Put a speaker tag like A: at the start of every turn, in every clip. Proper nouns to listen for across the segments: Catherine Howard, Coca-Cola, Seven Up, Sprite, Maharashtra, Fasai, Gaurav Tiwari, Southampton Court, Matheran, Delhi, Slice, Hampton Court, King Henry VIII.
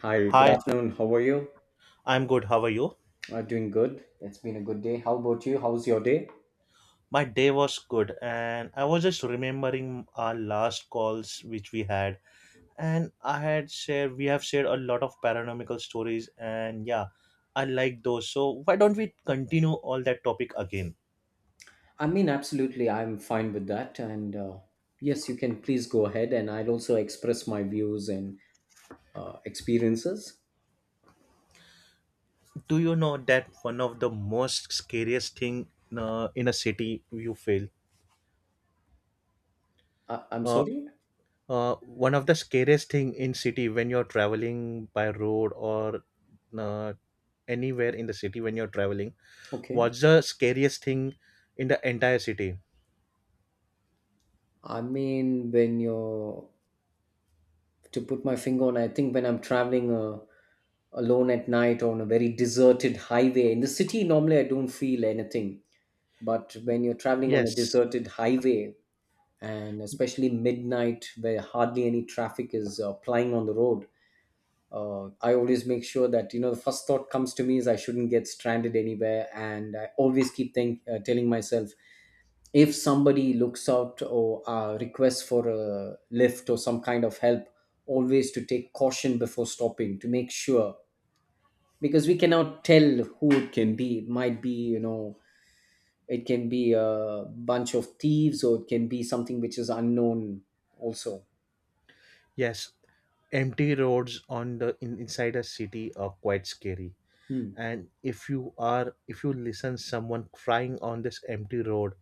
A: Hi, good
B: Hi,
A: afternoon. How are you?
B: I'm good. How are you?
A: I'm doing good. It's been a good day. How about you? How's your day?
B: My day was good, and I was just remembering our last calls which we had, and I had shared we have shared a lot of paranormal stories, and yeah, I like those. So why don't we continue all that topic again?
A: I mean, absolutely, I'm fine with that. And yes, you can please go ahead, and I'll also express my views and experiences.
B: Do you know that one of the most scariest thing in a city you feel?
A: I'm
B: Uh,
A: sorry.
B: One of the scariest thing in city when you're traveling by road or uh, anywhere in the city when you're traveling.
A: Okay.
B: What's the scariest thing in the entire city?
A: I mean, when you're to put my finger on, I think when I'm traveling alone at night on a very deserted highway in the city, normally I don't feel anything. But
B: Y-
A: when you're traveling on a
B: Yes,
A: deserted highway, and especially midnight where hardly any traffic is plying on the road, I always make sure that, the first thought comes to me is I shouldn't get stranded anywhere. And I always keep telling myself, if somebody looks out or requests for a lift or some kind of help, always to take caution before stopping to make sure, because we cannot tell who it can be. It might be, it can be a bunch of thieves, or it can be something which is unknown also.
B: yes. Empty roads inside a city are quite scary.
A: Hmm.
B: And if you are if you listen someone crying on this empty road,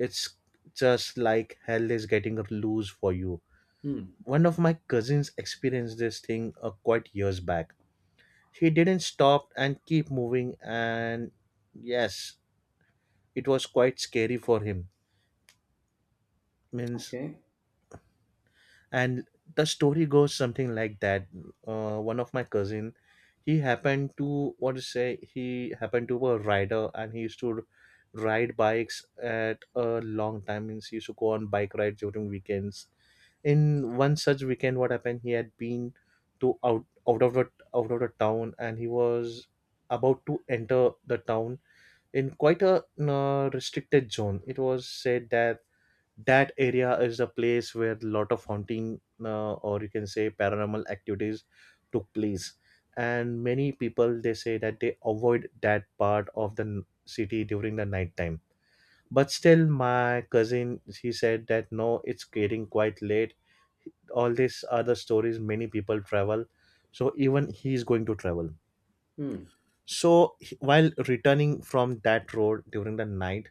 B: it's just like hell is getting loose for you.
A: Hmm.
B: One of my cousins experienced this thing quite years back. He didn't stop and keep moving, and yes, it was quite scary for him. Means,
A: Okay.
B: and the story goes something like that, one of my cousin, he happened to what to say, he happened to be a rider and he used to ride bikes at a long time, means he used to go on bike rides during weekends. In one such weekend, what happened, he had been to out of the town and he was about to enter the town in quite a restricted zone. It was said that that area is a place where a lot of haunting or you can say paranormal activities took place, and many people they say that they avoid that part of the city during the night time. But still my cousin he said that no, it's getting quite late, all these other stories, many people travel, so even he is going to travel.
A: Hmm.
B: So while returning from that road during the night,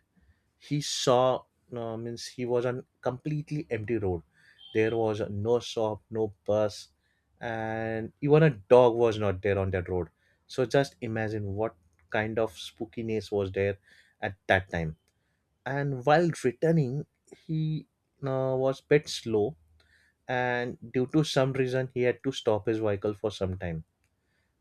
B: he saw means he was on completely empty road. There was no shop, no bus, and even a dog was not there on that road. So just imagine what kind of spookiness was there at that time. And while returning, he was bit slow, and due to some reason he had to stop his vehicle for some time.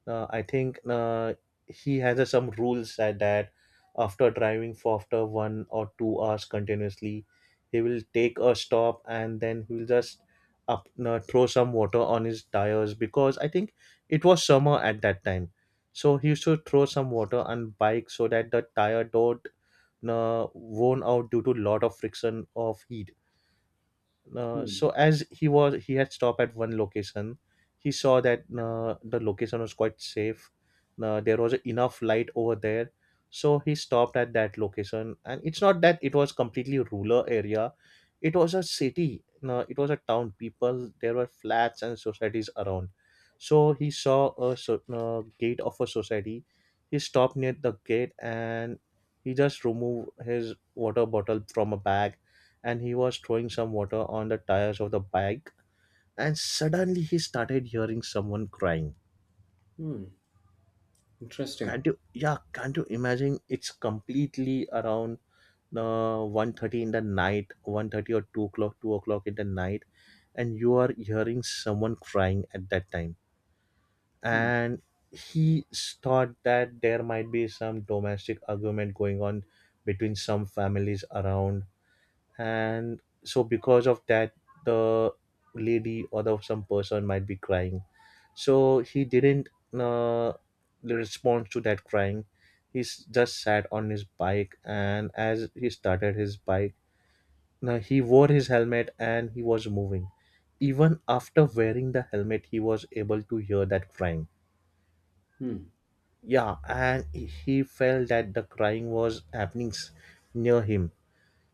B: I think he has some rules that after driving for after 1 or 2 hours continuously, he will take a stop and then he will just up throw some water on his tires because I think it was summer at that time. So he used to throw some water on bike so that the tire don't worn out due to lot of friction of heat.
A: Hmm.
B: So as he had stopped at one location, he saw that the location was quite safe. There was enough light over there, so he stopped at that location. And it's not that it was completely rural area. It was a city, it was a town, people there were flats and societies around. So he saw a gate of a society. He stopped near the gate and he just removed his water bottle from a bag, and he was throwing some water on the tires of the bike, and suddenly he started hearing someone crying.
A: Hmm. Interesting.
B: Can't you, yeah, can't you imagine, it's completely around 1:30 in the night, 1:30 or 2 o'clock, 2 o'clock in the night, and you are hearing someone crying at that time.
A: Hmm.
B: And he thought that there might be some domestic argument going on between some families around, and so because of that, the lady or the some person might be crying. So he didn't uh, respond to that crying. He just sat on his bike, and as he started his bike, now he wore his helmet and he was moving. Even after wearing the helmet, he was able to hear that crying.
A: Hmm.
B: Yeah, and he felt that the crying was happening near him.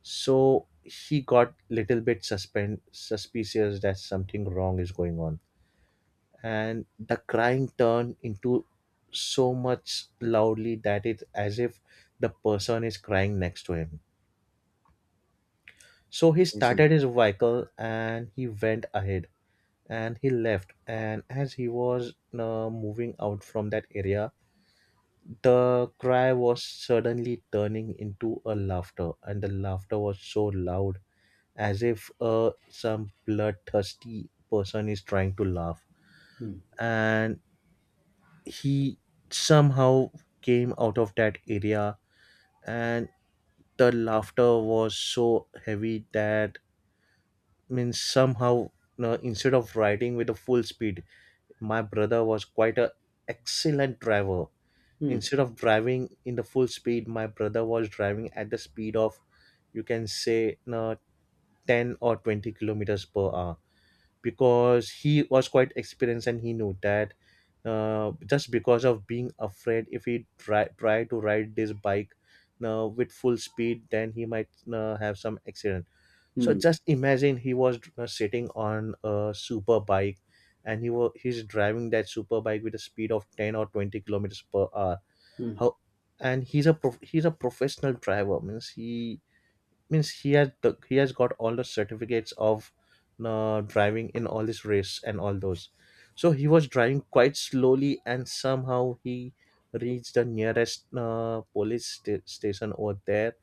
B: So he got little bit suspicious that something wrong is going on. And the crying turned into so much loudly that it's as if the person is crying next to him. So he
A: Amazing.
B: started his vehicle and he went ahead and he left. And as he was moving out from that area, the cry was suddenly turning into a laughter, and the laughter was so loud as if some bloodthirsty person is trying to laugh.
A: Hmm.
B: And he somehow came out of that area, and the laughter was so heavy that, means somehow no, instead of riding with a full speed, my brother was quite a excellent driver.
A: Hmm.
B: Instead of driving in the full speed, my brother was driving at the speed of, you can say, no, 10 or 20 kilometers per hour, because he was quite experienced and he knew that just because of being afraid, if he try to ride this bike with full speed, then he might have some accident. So
A: Hmm.
B: just imagine, he was sitting on a super bike, and he's driving that super bike with a speed of 10 or 20 kilometers per hour.
A: Hmm.
B: How? And he's a professional driver, means he, means he has got all the certificates of driving in all this race and all those. So he was driving quite slowly, and somehow he reached the nearest police station over there.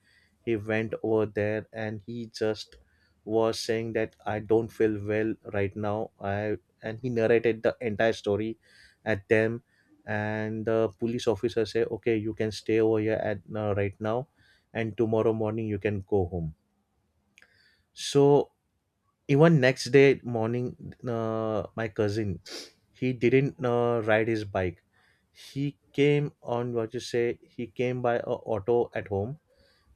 B: He went over there and he just was saying that I don't feel well right now, I, and he narrated the entire story at them. And the police officer say okay, you can stay over here at right now, and tomorrow morning you can go home. So even next day morning, my cousin, he didn't ride his bike. He came on what you say. He came by a auto at home,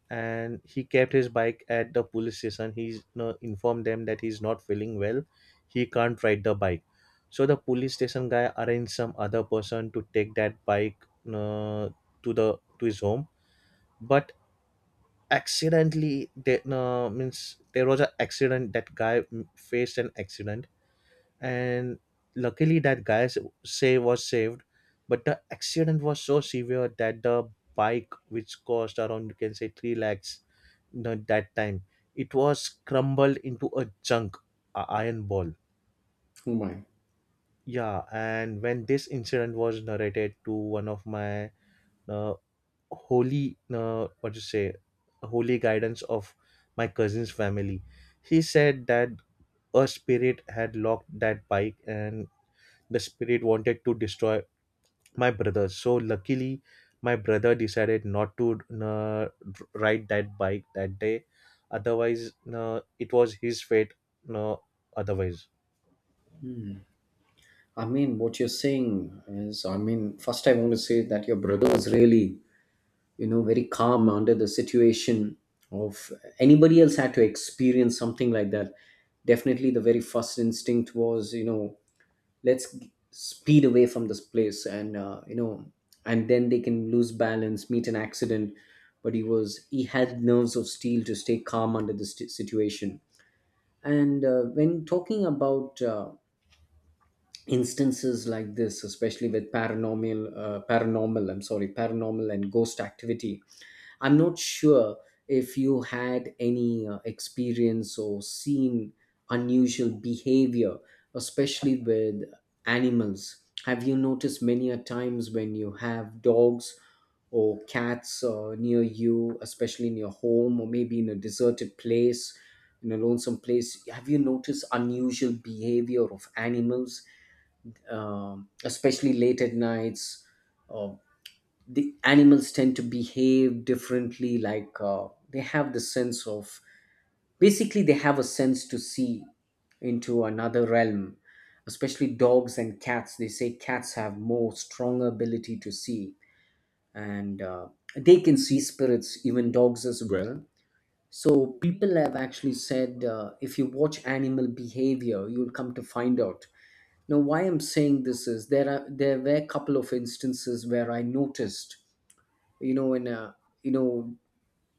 B: and he kept his bike at the police station. He informed them that he's not feeling well. He can't ride the bike. So the police station guy arranged some other person to take that bike uh, to the to his home. But accidentally they no, means there was an accident, that guy faced an accident. And luckily that guy say was saved, but the accident was so severe that the bike which cost around, you can say, 3 lakhs no, that time, it was crumbled into a junk, a iron ball.
A: Oh my.
B: Yeah, and when this incident was narrated to one of my uh, holy, what to say, holy guidance of my cousin's family, he said that a spirit had locked that bike, and the spirit wanted to destroy my brother. So luckily my brother decided not to ride that bike that day, otherwise it was his fate. uh, Otherwise.
A: I mean, what you're saying is, I mean, first I want to say that your brother was really, very calm under the situation of anybody else had to experience something like that. Definitely, the very first instinct was, let's speed away from this place, and and then they can lose balance, meet an accident. But he had nerves of steel to stay calm under this situation. And when talking about instances like this, especially with paranormal and ghost activity. I'm not sure if you had any experience or seen unusual behavior, especially with animals. Have you noticed many a times when you have dogs or cats near you, especially in your home or maybe in a deserted place, in a lonesome place? Have you noticed unusual behavior of animals, especially late at nights? Uh, the animals tend to behave differently, like they have the sense of, basically they have a sense to see into another realm, especially dogs and cats. They say cats have more stronger ability to see, and they can see spirits, even dogs as well. So people have actually said, if you watch animal behavior, you'll come to find out. Now why I'm saying this is, there were a couple of instances where I noticed, in a, you know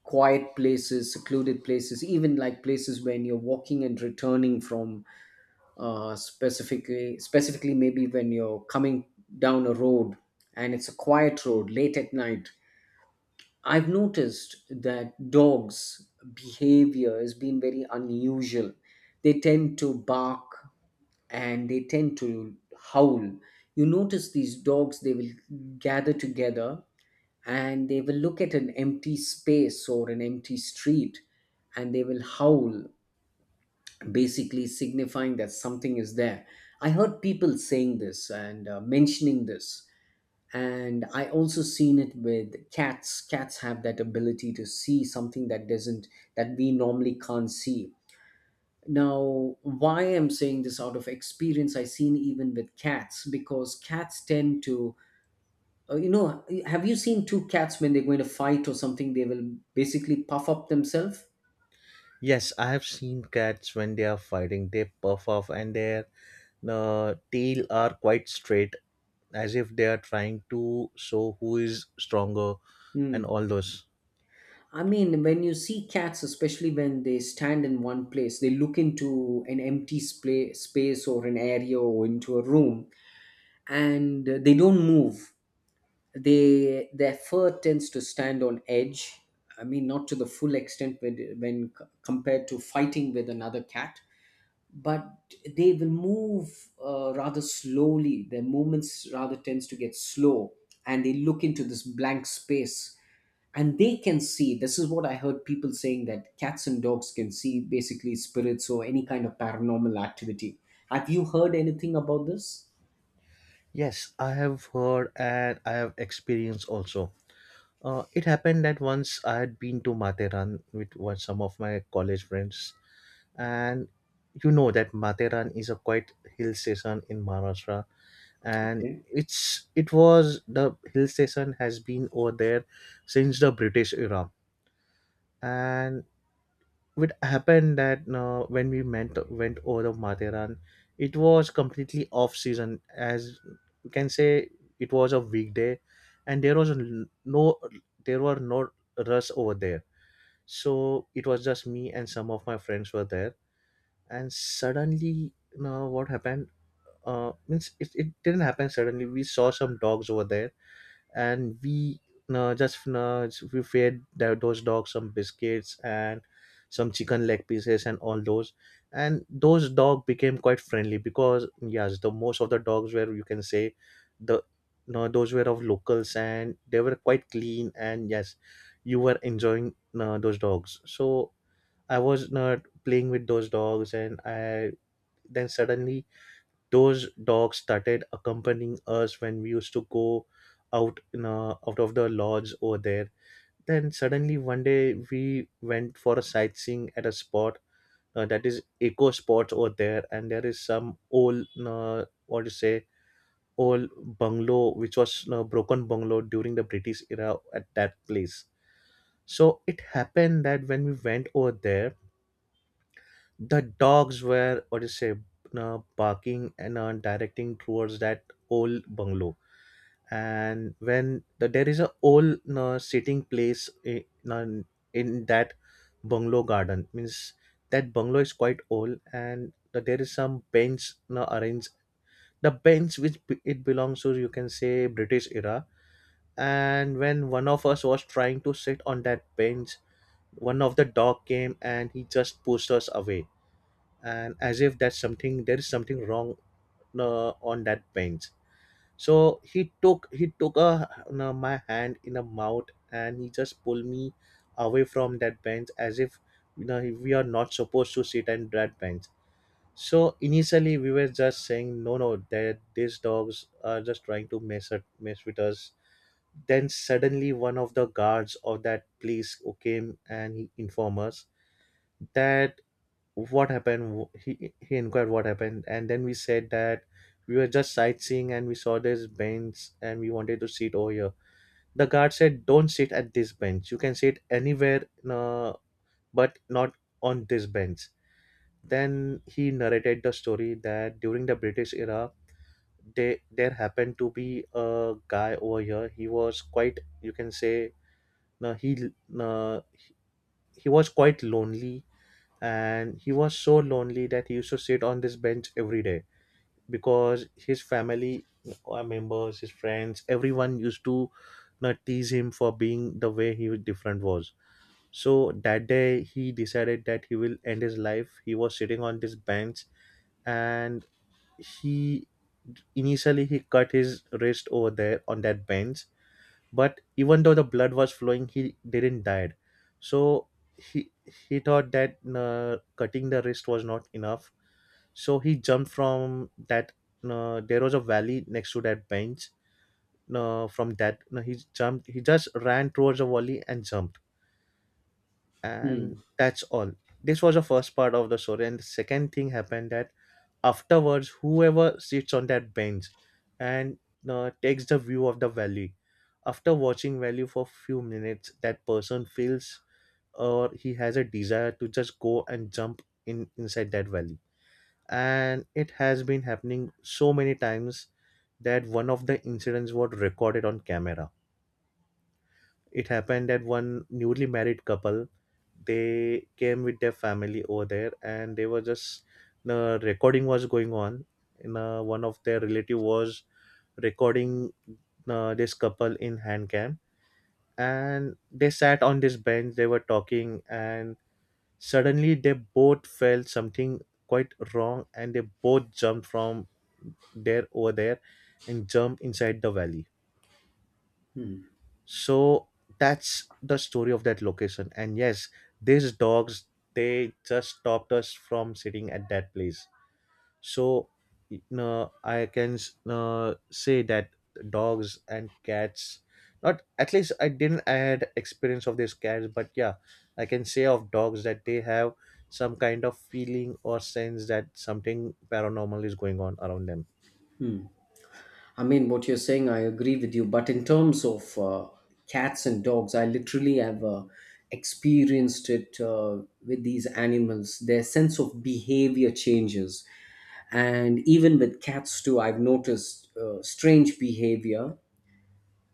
A: quiet places, secluded places, even like places when you're walking and returning from, specifically maybe when you're coming down a road. And it's a quiet road late at night. I've noticed that dogs behavior has been very unusual. They tend to bark, and they tend to howl. You notice these dogs, they will gather together, and they will look at an empty space or an empty street, and they will howl, basically signifying that something is there. I heard people saying this and mentioning this. And I also seen it with cats. Cats have that ability to see something that doesn't, that we normally can't see. Now, why I'm saying this out of experience, I seen even with cats, because cats tend to, have you seen two cats when they're going to fight or something? They will basically puff up themselves.
B: Yes, I have seen cats when they are fighting, they puff off and their tail are quite straight, as if they are trying to show who is stronger, and
A: Hmm.
B: all those.
A: I mean, when you see cats, especially when they stand in one place, they look into an empty space or an area or into a room, and they don't move. They, their fur tends to stand on edge. I mean, not to the full extent when, compared to fighting with another cat, but they will move rather slowly, their movements rather tends to get slow, and they look into this blank space, and they can see. This is what I heard people saying, that cats and dogs can see basically spirits or any kind of paranormal activity. Have you heard anything about this?
B: Yes, I have heard and I have experienced also. It happened that once I had been to Materan with one, some of my college friends, and you know that Materan is a quite hill station in Maharashtra, and
A: Okay.
B: it was the hill station has been over there since the British era, and it happened that when we went over to Matheran, it was completely off season. As you can say, it was a weekday, and there was no, there were no rush over there. So it was just me and some of my friends were there, and suddenly, you know, what happened? Means it didn't happen suddenly. We saw some dogs over there, and we fed those dogs some biscuits and some chicken leg pieces and all those, and those dog became quite friendly, because yes, the most of the dogs were, you can say, the no, those were of locals and they were quite clean. And yes, you were enjoying those dogs, so I was not playing with those dogs. And I then suddenly those dogs started accompanying us when we used to go out in out of the lodge over there. Then suddenly one day we went for a sightseeing at a spot, that is eco spots over there, and there is some old, what to say old bungalow which was broken bungalow during the British era at that place. So it happened that when we went over there, the dogs were, what do you say, barking and directing towards that old bungalow. And when the, there is a old sitting place in that bungalow garden, means that bungalow is quite old, and the, there is some bench now arranged. The bench which it belongs to, you can say, British era. And when one of us was trying to sit on that bench, one of the dog came and he just pushed us away, and as if that's something, there is something wrong on that bench. So he took a no, my hand in a mouth, and he just pulled me away from that bench, as if, you know, we are not supposed to sit on that bench. So initially we were just saying no no, that these dogs are just trying to mess with us. Then suddenly one of the guards of that place who came and he informed us that what happened. He inquired what happened, and then we said that we were just sightseeing and we saw this bench and we wanted to sit over here. The guard said, don't sit at this bench, you can sit anywhere, but not on this bench. Then he narrated the story that during the British era, there happened to be a guy over here. He was quite, you can say, no he uh, he was quite lonely, and he was so lonely that he used to sit on this bench every day, because his family members, his friends, everyone used to not tease him for being the way he was different was. So that day he decided that he will end his life. He was sitting on this bench, and he initially he cut his wrist over there on that bench, but even though the blood was flowing, he didn't die. So he he thought that cutting the wrist was not enough. So he jumped from that, there was a valley next to that bench. From that No, he jumped, he just ran towards the valley and jumped, and that's all. This was the first part of the story, and the second thing happened that afterwards whoever sits on that bench and takes the view of the valley, after watching valley for few minutes, that person feels, or he has a desire to just go and jump in inside that valley. And it has been happening so many times that one of the incidents was recorded on camera. It happened that one newly married couple, they came with their family over there, and they were just, the recording was going on. In One of their relative was recording this couple in hand cam, and they sat on this bench, they were talking, and suddenly they both felt something quite wrong, and they both jumped from there over there, and jumped inside the valley. So that's the story of that location. And yes, these dogs, they just stopped us from sitting at that place. So you know, I can say that, dogs and cats, not at least, I didn't, I had experience of these cats, but yeah, I can say of dogs that they have some kind of feeling or sense that something paranormal is going on around them.
A: I mean, what you're saying, I agree with you. But in terms of cats and dogs, I literally have experienced it with these animals. Their sense of behavior changes. And even with cats, too, I've noticed strange behavior.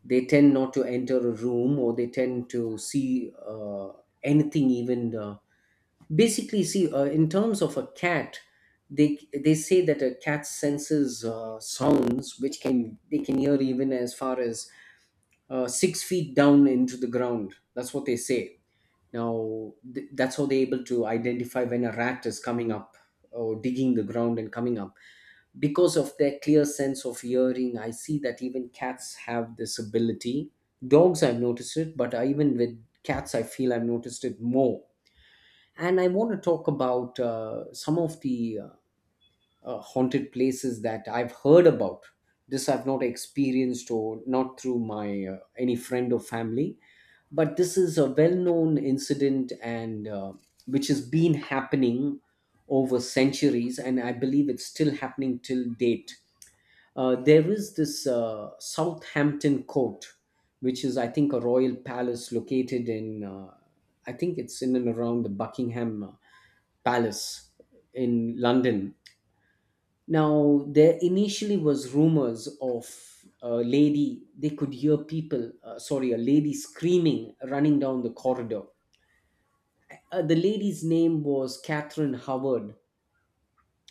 A: They tend not to enter a room, or they tend to see anything, even. Basically see, in terms of a cat, they they say that a cat senses sounds which can, they can hear even as far as 6 feet down into the ground. That's what they say. Now that's how they're able to identify when a rat is coming up or digging the ground and coming up, because of their clear sense of hearing, I see that even cats have this ability. Dogs, I've noticed it, but I, even with cats I feel I've noticed it more. And I want to talk about some of the haunted places that I've heard about. This I've not experienced or not through my any friend or family, but this is a well-known incident and which has been happening over centuries, and I believe it's still happening till date. There is this Southampton Court, which is I think a royal palace located in, I think it's in and around the Buckingham Palace in London. Now, there initially was rumors of a lady, they could hear people, sorry, a lady screaming running down the corridor. The lady's name was Catherine Howard.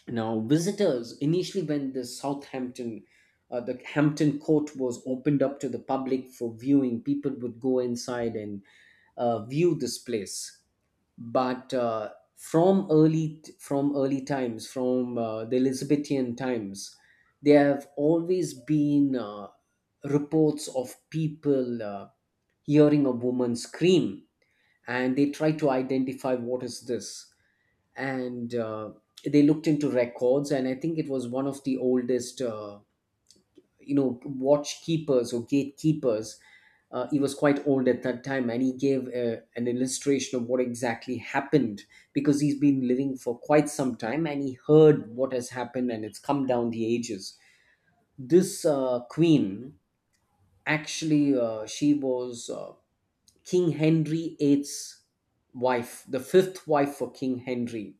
A: Now, visitors initially, when the Southampton, the Hampton Court was opened up to the public for viewing, people would go inside and view this place. But from early times, from the Elizabethan times, there have always been reports of people hearing a woman scream. And they try to identify what is this. And they looked into records, and I think it was one of the oldest watchkeepers or gatekeepers. He was quite old at that time, and he gave an illustration of what exactly happened, because he's been living for quite some time and he heard what has happened, and it's come down the ages. This queen actually, she was King Henry VIII's wife, the fifth wife for King Henry.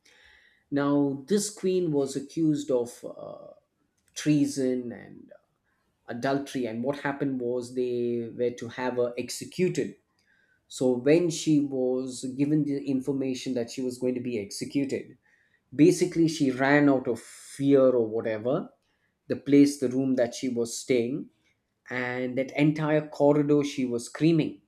A: Now this queen was accused of treason and adultery, and what happened was they were to have her executed. So when she was given the information that she was going to be executed, basically she ran out of fear or whatever, the place, the room that she was staying, and that entire corridor she was screaming.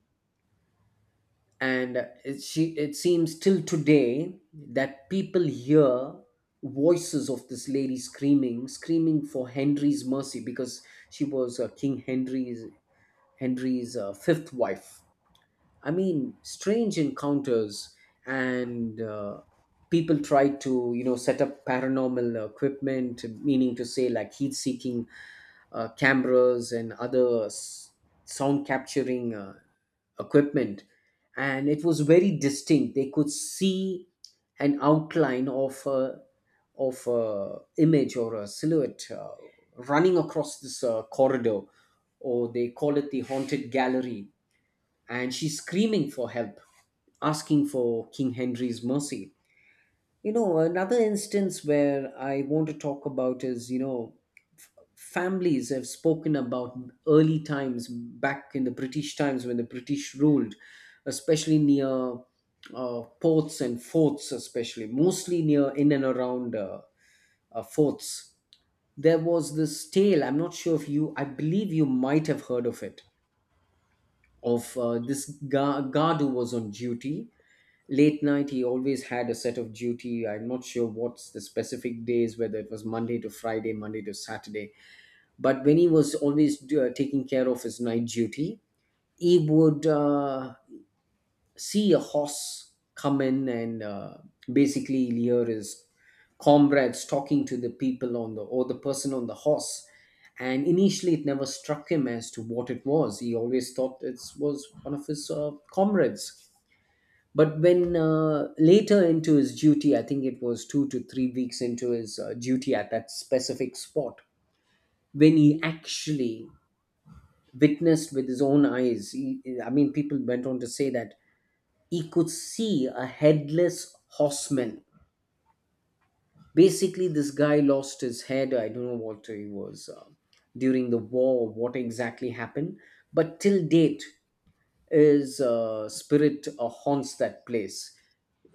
A: And it, she, it seems till today that people hear voices of this lady screaming, screaming for Henry's mercy, because she was king henry's Henry's fifth wife. I mean, strange encounters, and people tried to, you know, set up paranormal equipment, meaning to say like heat-seeking cameras and other sound capturing equipment. And it was very distinct. They could see an outline of a image or a silhouette running across this corridor, or they call it the haunted gallery, and she's screaming for help, asking for King Henry's mercy. You know, another instance where I want to talk about is, you know, f- families have spoken about early times back in the British times when the British ruled, especially near ports and forts, especially, mostly near in and around forts. There was this tale. I'm not sure if you, I believe you might have heard of this guard who was on duty late night. He always had a set of duty. I'm not sure what's the specific days, whether it was Monday to Friday, Monday to Saturday, but when he was always taking care of his night duty, he would see a horse come in and basically here is comrades talking to the people on the, or the person on the horse. And initially it never struck him as to what it was. He always thought it was one of his comrades. But when later into his duty, I think it was 2 to 3 weeks into his duty at that specific spot, when he actually witnessed with his own eyes, he, I mean people went on to say that he could see a headless horseman. Basically, this guy lost his head. I don't know what he was during the war, what exactly happened. But till date, his spirit haunts that place.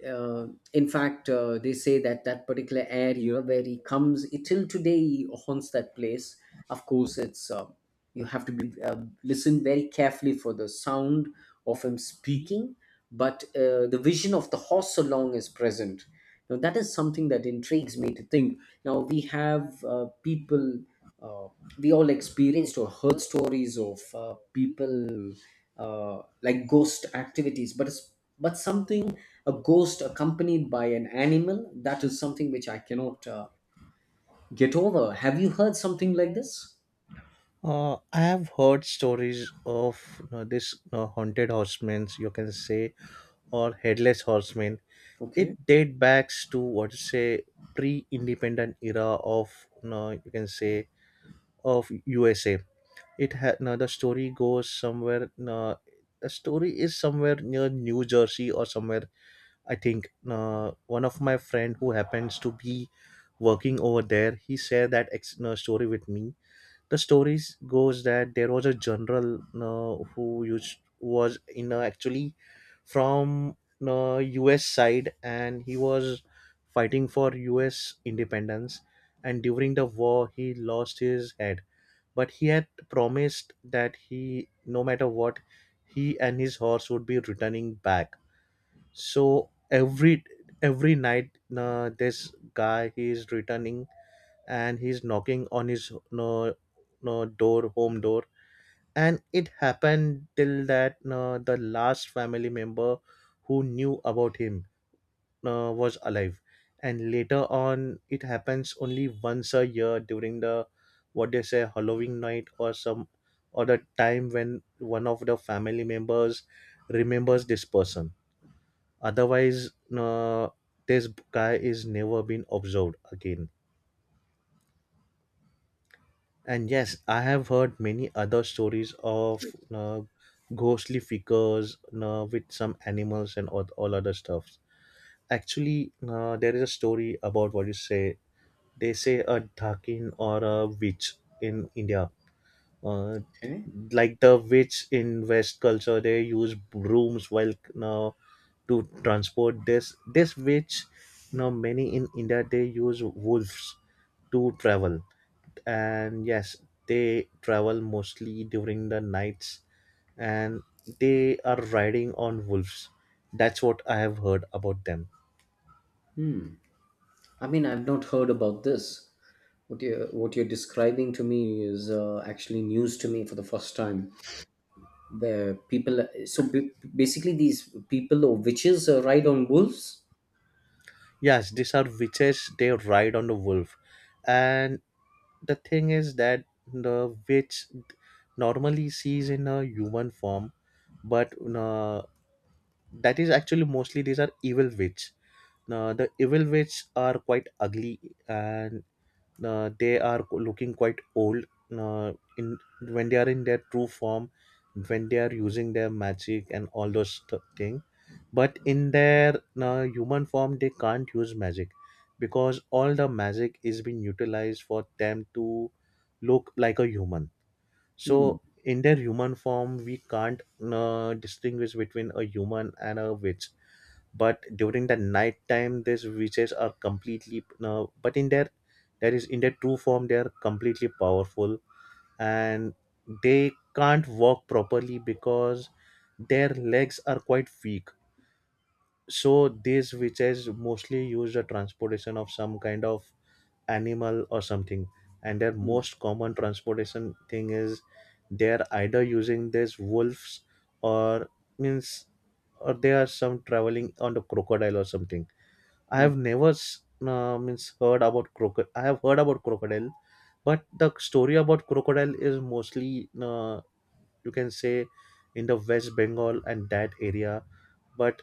A: uh, in fact, they say that that particular area where he comes, it, till today he haunts that place. Of course, it's you have to be listen very carefully for the sound of him speaking, but the vision of the horse along is present. Now that is something that intrigues me to think. Now we have people. Uh, we all experienced or heard stories of people like ghost activities, but but something, a ghost accompanied by an animal, that is something which I cannot get over. Have you heard something like this?
B: I have heard stories of, you know, this haunted horsemen, you can say, or headless horsemen. It
A: Okay.
B: date backs to what you say, pre-independent era of, you know, you can say, of USA. It had now the story goes somewhere. The story is somewhere near New Jersey or somewhere. I think one of my friend who happens to be working over there, he shared that story with me. The stories goes that there was a general who used was in actually from, US side, and he was fighting for US independence. And during the war he lost his head, but he had promised that he, no matter what, he and his horse would be returning back. So every night, this guy, he is returning, and he's knocking on his no no door, home door. And it happened till that, no, the last family member who knew about him, no, was alive. And later on it happens only once a year during the what they say Halloween night, or some, or the time when one of the family members remembers this person. Otherwise no, this guy is never been observed again. And yes, I have heard many other stories of ghostly figures with some animals and all other stuffs. Actually, there is a story about what you say. They say a dhakin, or a witch, in India. Uh,
A: Okay.
B: like the witch in West culture, they use brooms while uh, to transport this. This witch, now many in India, they use wolves to travel, and yes, they travel mostly during the nights, and they are riding on wolves. That's what I have heard about them.
A: I mean, I've not heard about this, what you, what you're describing to me is actually news to me for the first time, where people, so basically these people or witches ride on wolves.
B: Yes, these are witches, they ride on the wolf. And the thing is that the witch normally sees in a human form, but that is actually, mostly these are evil witch. Now the evil witch are quite ugly, and they are looking quite old, in when they are in their true form, when they are using their magic and all those thing. But in their human form they can't use magic, because all the magic is being utilized for them to look like a human.
A: Hmm.
B: So in their human form we can't distinguish between a human and a witch. But during the night time these witches are completely, but in their that is in their true form, they are completely powerful. And they can't walk properly because their legs are quite weak. So these witches mostly use the transportation of some kind of animal or something. And their
A: Hmm.
B: most common transportation thing is, they're either using these wolves, or means or they are some traveling on the crocodile or something. I
A: Hmm.
B: have never s- means heard about crocodile. I have heard about crocodile, but the story about crocodile is mostly, you can say, in the West Bengal and that area. But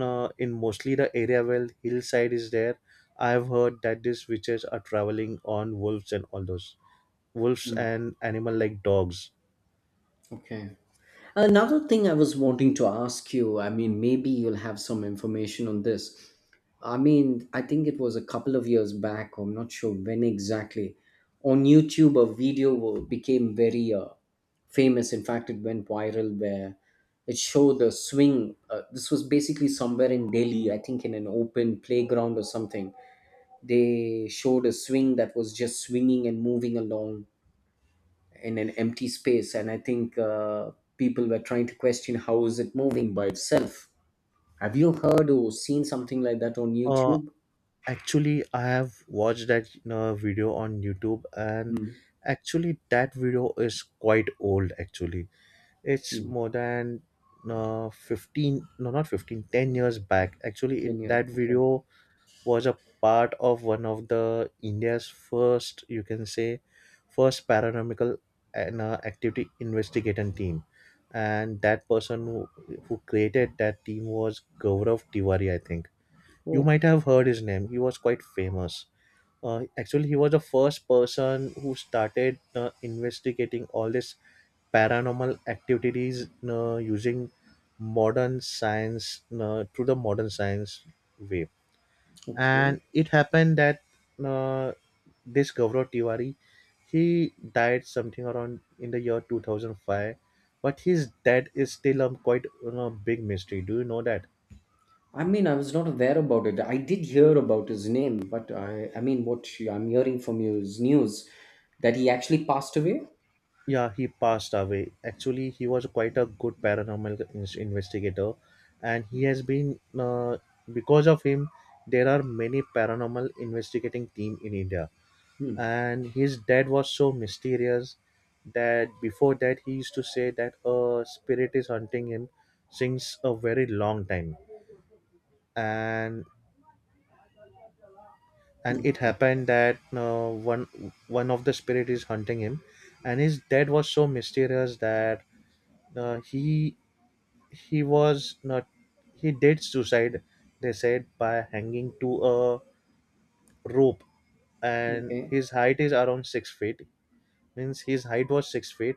B: in mostly the area where hillside is there, I have heard that these witches are traveling on wolves and all those, wolves
A: Hmm.
B: and animal like dogs.
A: Okay. Another thing I was wanting to ask you, I mean, maybe you'll have some information on this. I mean, I think it was a couple of years back, I'm not sure when exactly, on YouTube, a video became very famous. In fact, it went viral where it showed a swing. This was basically somewhere in Delhi, I think in an open playground or something. They showed a swing that was just swinging and moving along in an empty space, and I think people were trying to question, how is it moving by itself? Have you heard or seen something like that on
B: Uh,
A: YouTube?
B: Actually, I have watched that video on YouTube, and
A: Hmm.
B: actually that video is quite old actually. It's
A: You.
B: more than 15, no, not 15, 10 years back. Actually, it,
A: 10 years,
B: that
A: okay.
B: video was a part of one of the India's first, you can say, first paranormal and activity investigating team. And that person who created that team was Gaurav Tiwari, I think. You
A: Oh.
B: might have heard his name. He was quite famous. Actually, he was the first person who started investigating all this paranormal activities using modern science through the modern science way.
A: Okay.
B: And it happened that, uh, this Gaurav Tiwari, he died something around in the year 2005, but his death is still a quite, you know, big mystery. Do you know that?
A: I mean, I was not aware about it. I did hear about his name, but I mean, what I'm hearing from you is news that he actually passed away.
B: Yeah, he passed away. Actually, he was quite a good paranormal investigator, and he has been, because of him, there are many paranormal investigating team in India. And his dad was so mysterious, that before that he used to say that a spirit is hunting him since a very long time. And it happened that one of the spirit is hunting him, and his dad was so mysterious that uh, he he was not, he did suicide, they said by hanging to a rope. And
A: Okay.
B: his height is around 6 feet, means his height was 6 feet,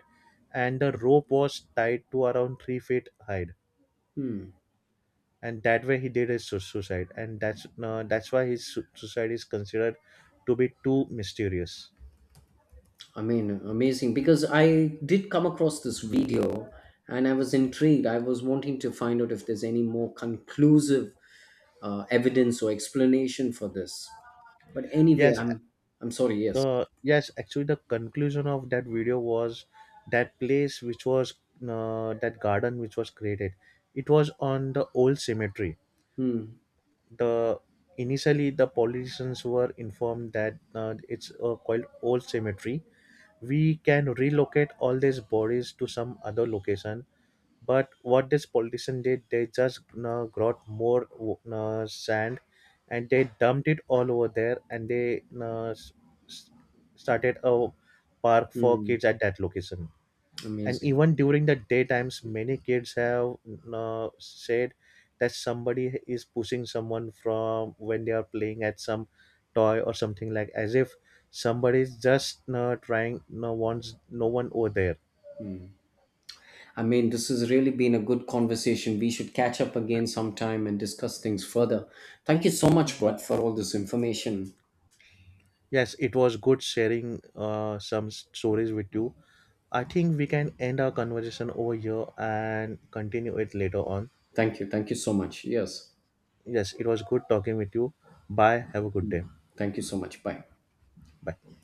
B: and the rope was tied to around 3 feet height, and that way he did his suicide. And that's why his suicide is considered to be too mysterious.
A: I mean, amazing, because I did come across this video and I was intrigued. I was wanting to find out if there's any more conclusive evidence or explanation for this. But anyway,
B: Yes.
A: I'm sorry. Yes.
B: Yes, actually the conclusion of that video was, that place which was, that garden which was created, it was on the old cemetery.
A: Hmm.
B: The Initially the politicians were informed that, it's called old cemetery, we can relocate all these bodies to some other location. But what these politicians did, they just got more sand and they dumped it all over there, and they s- started a park for
A: Hmm.
B: kids at that location. And
A: Amazing.
B: even during the daytimes, many kids have said that somebody is pushing someone from when they are playing at some toy or something, like as if somebody is just trying, no one's no one over there.
A: I mean, this has really been a good conversation. We should catch up again sometime and discuss things further. Thank you so much, Brett, for all this information.
B: Yes, it was good sharing some stories with you. I think we can end our conversation over here and continue it later on.
A: Thank you. Thank you so much. Yes.
B: Yes, it was good talking with you. Bye. Have a good day.
A: Thank you so much. Bye.
B: Bye.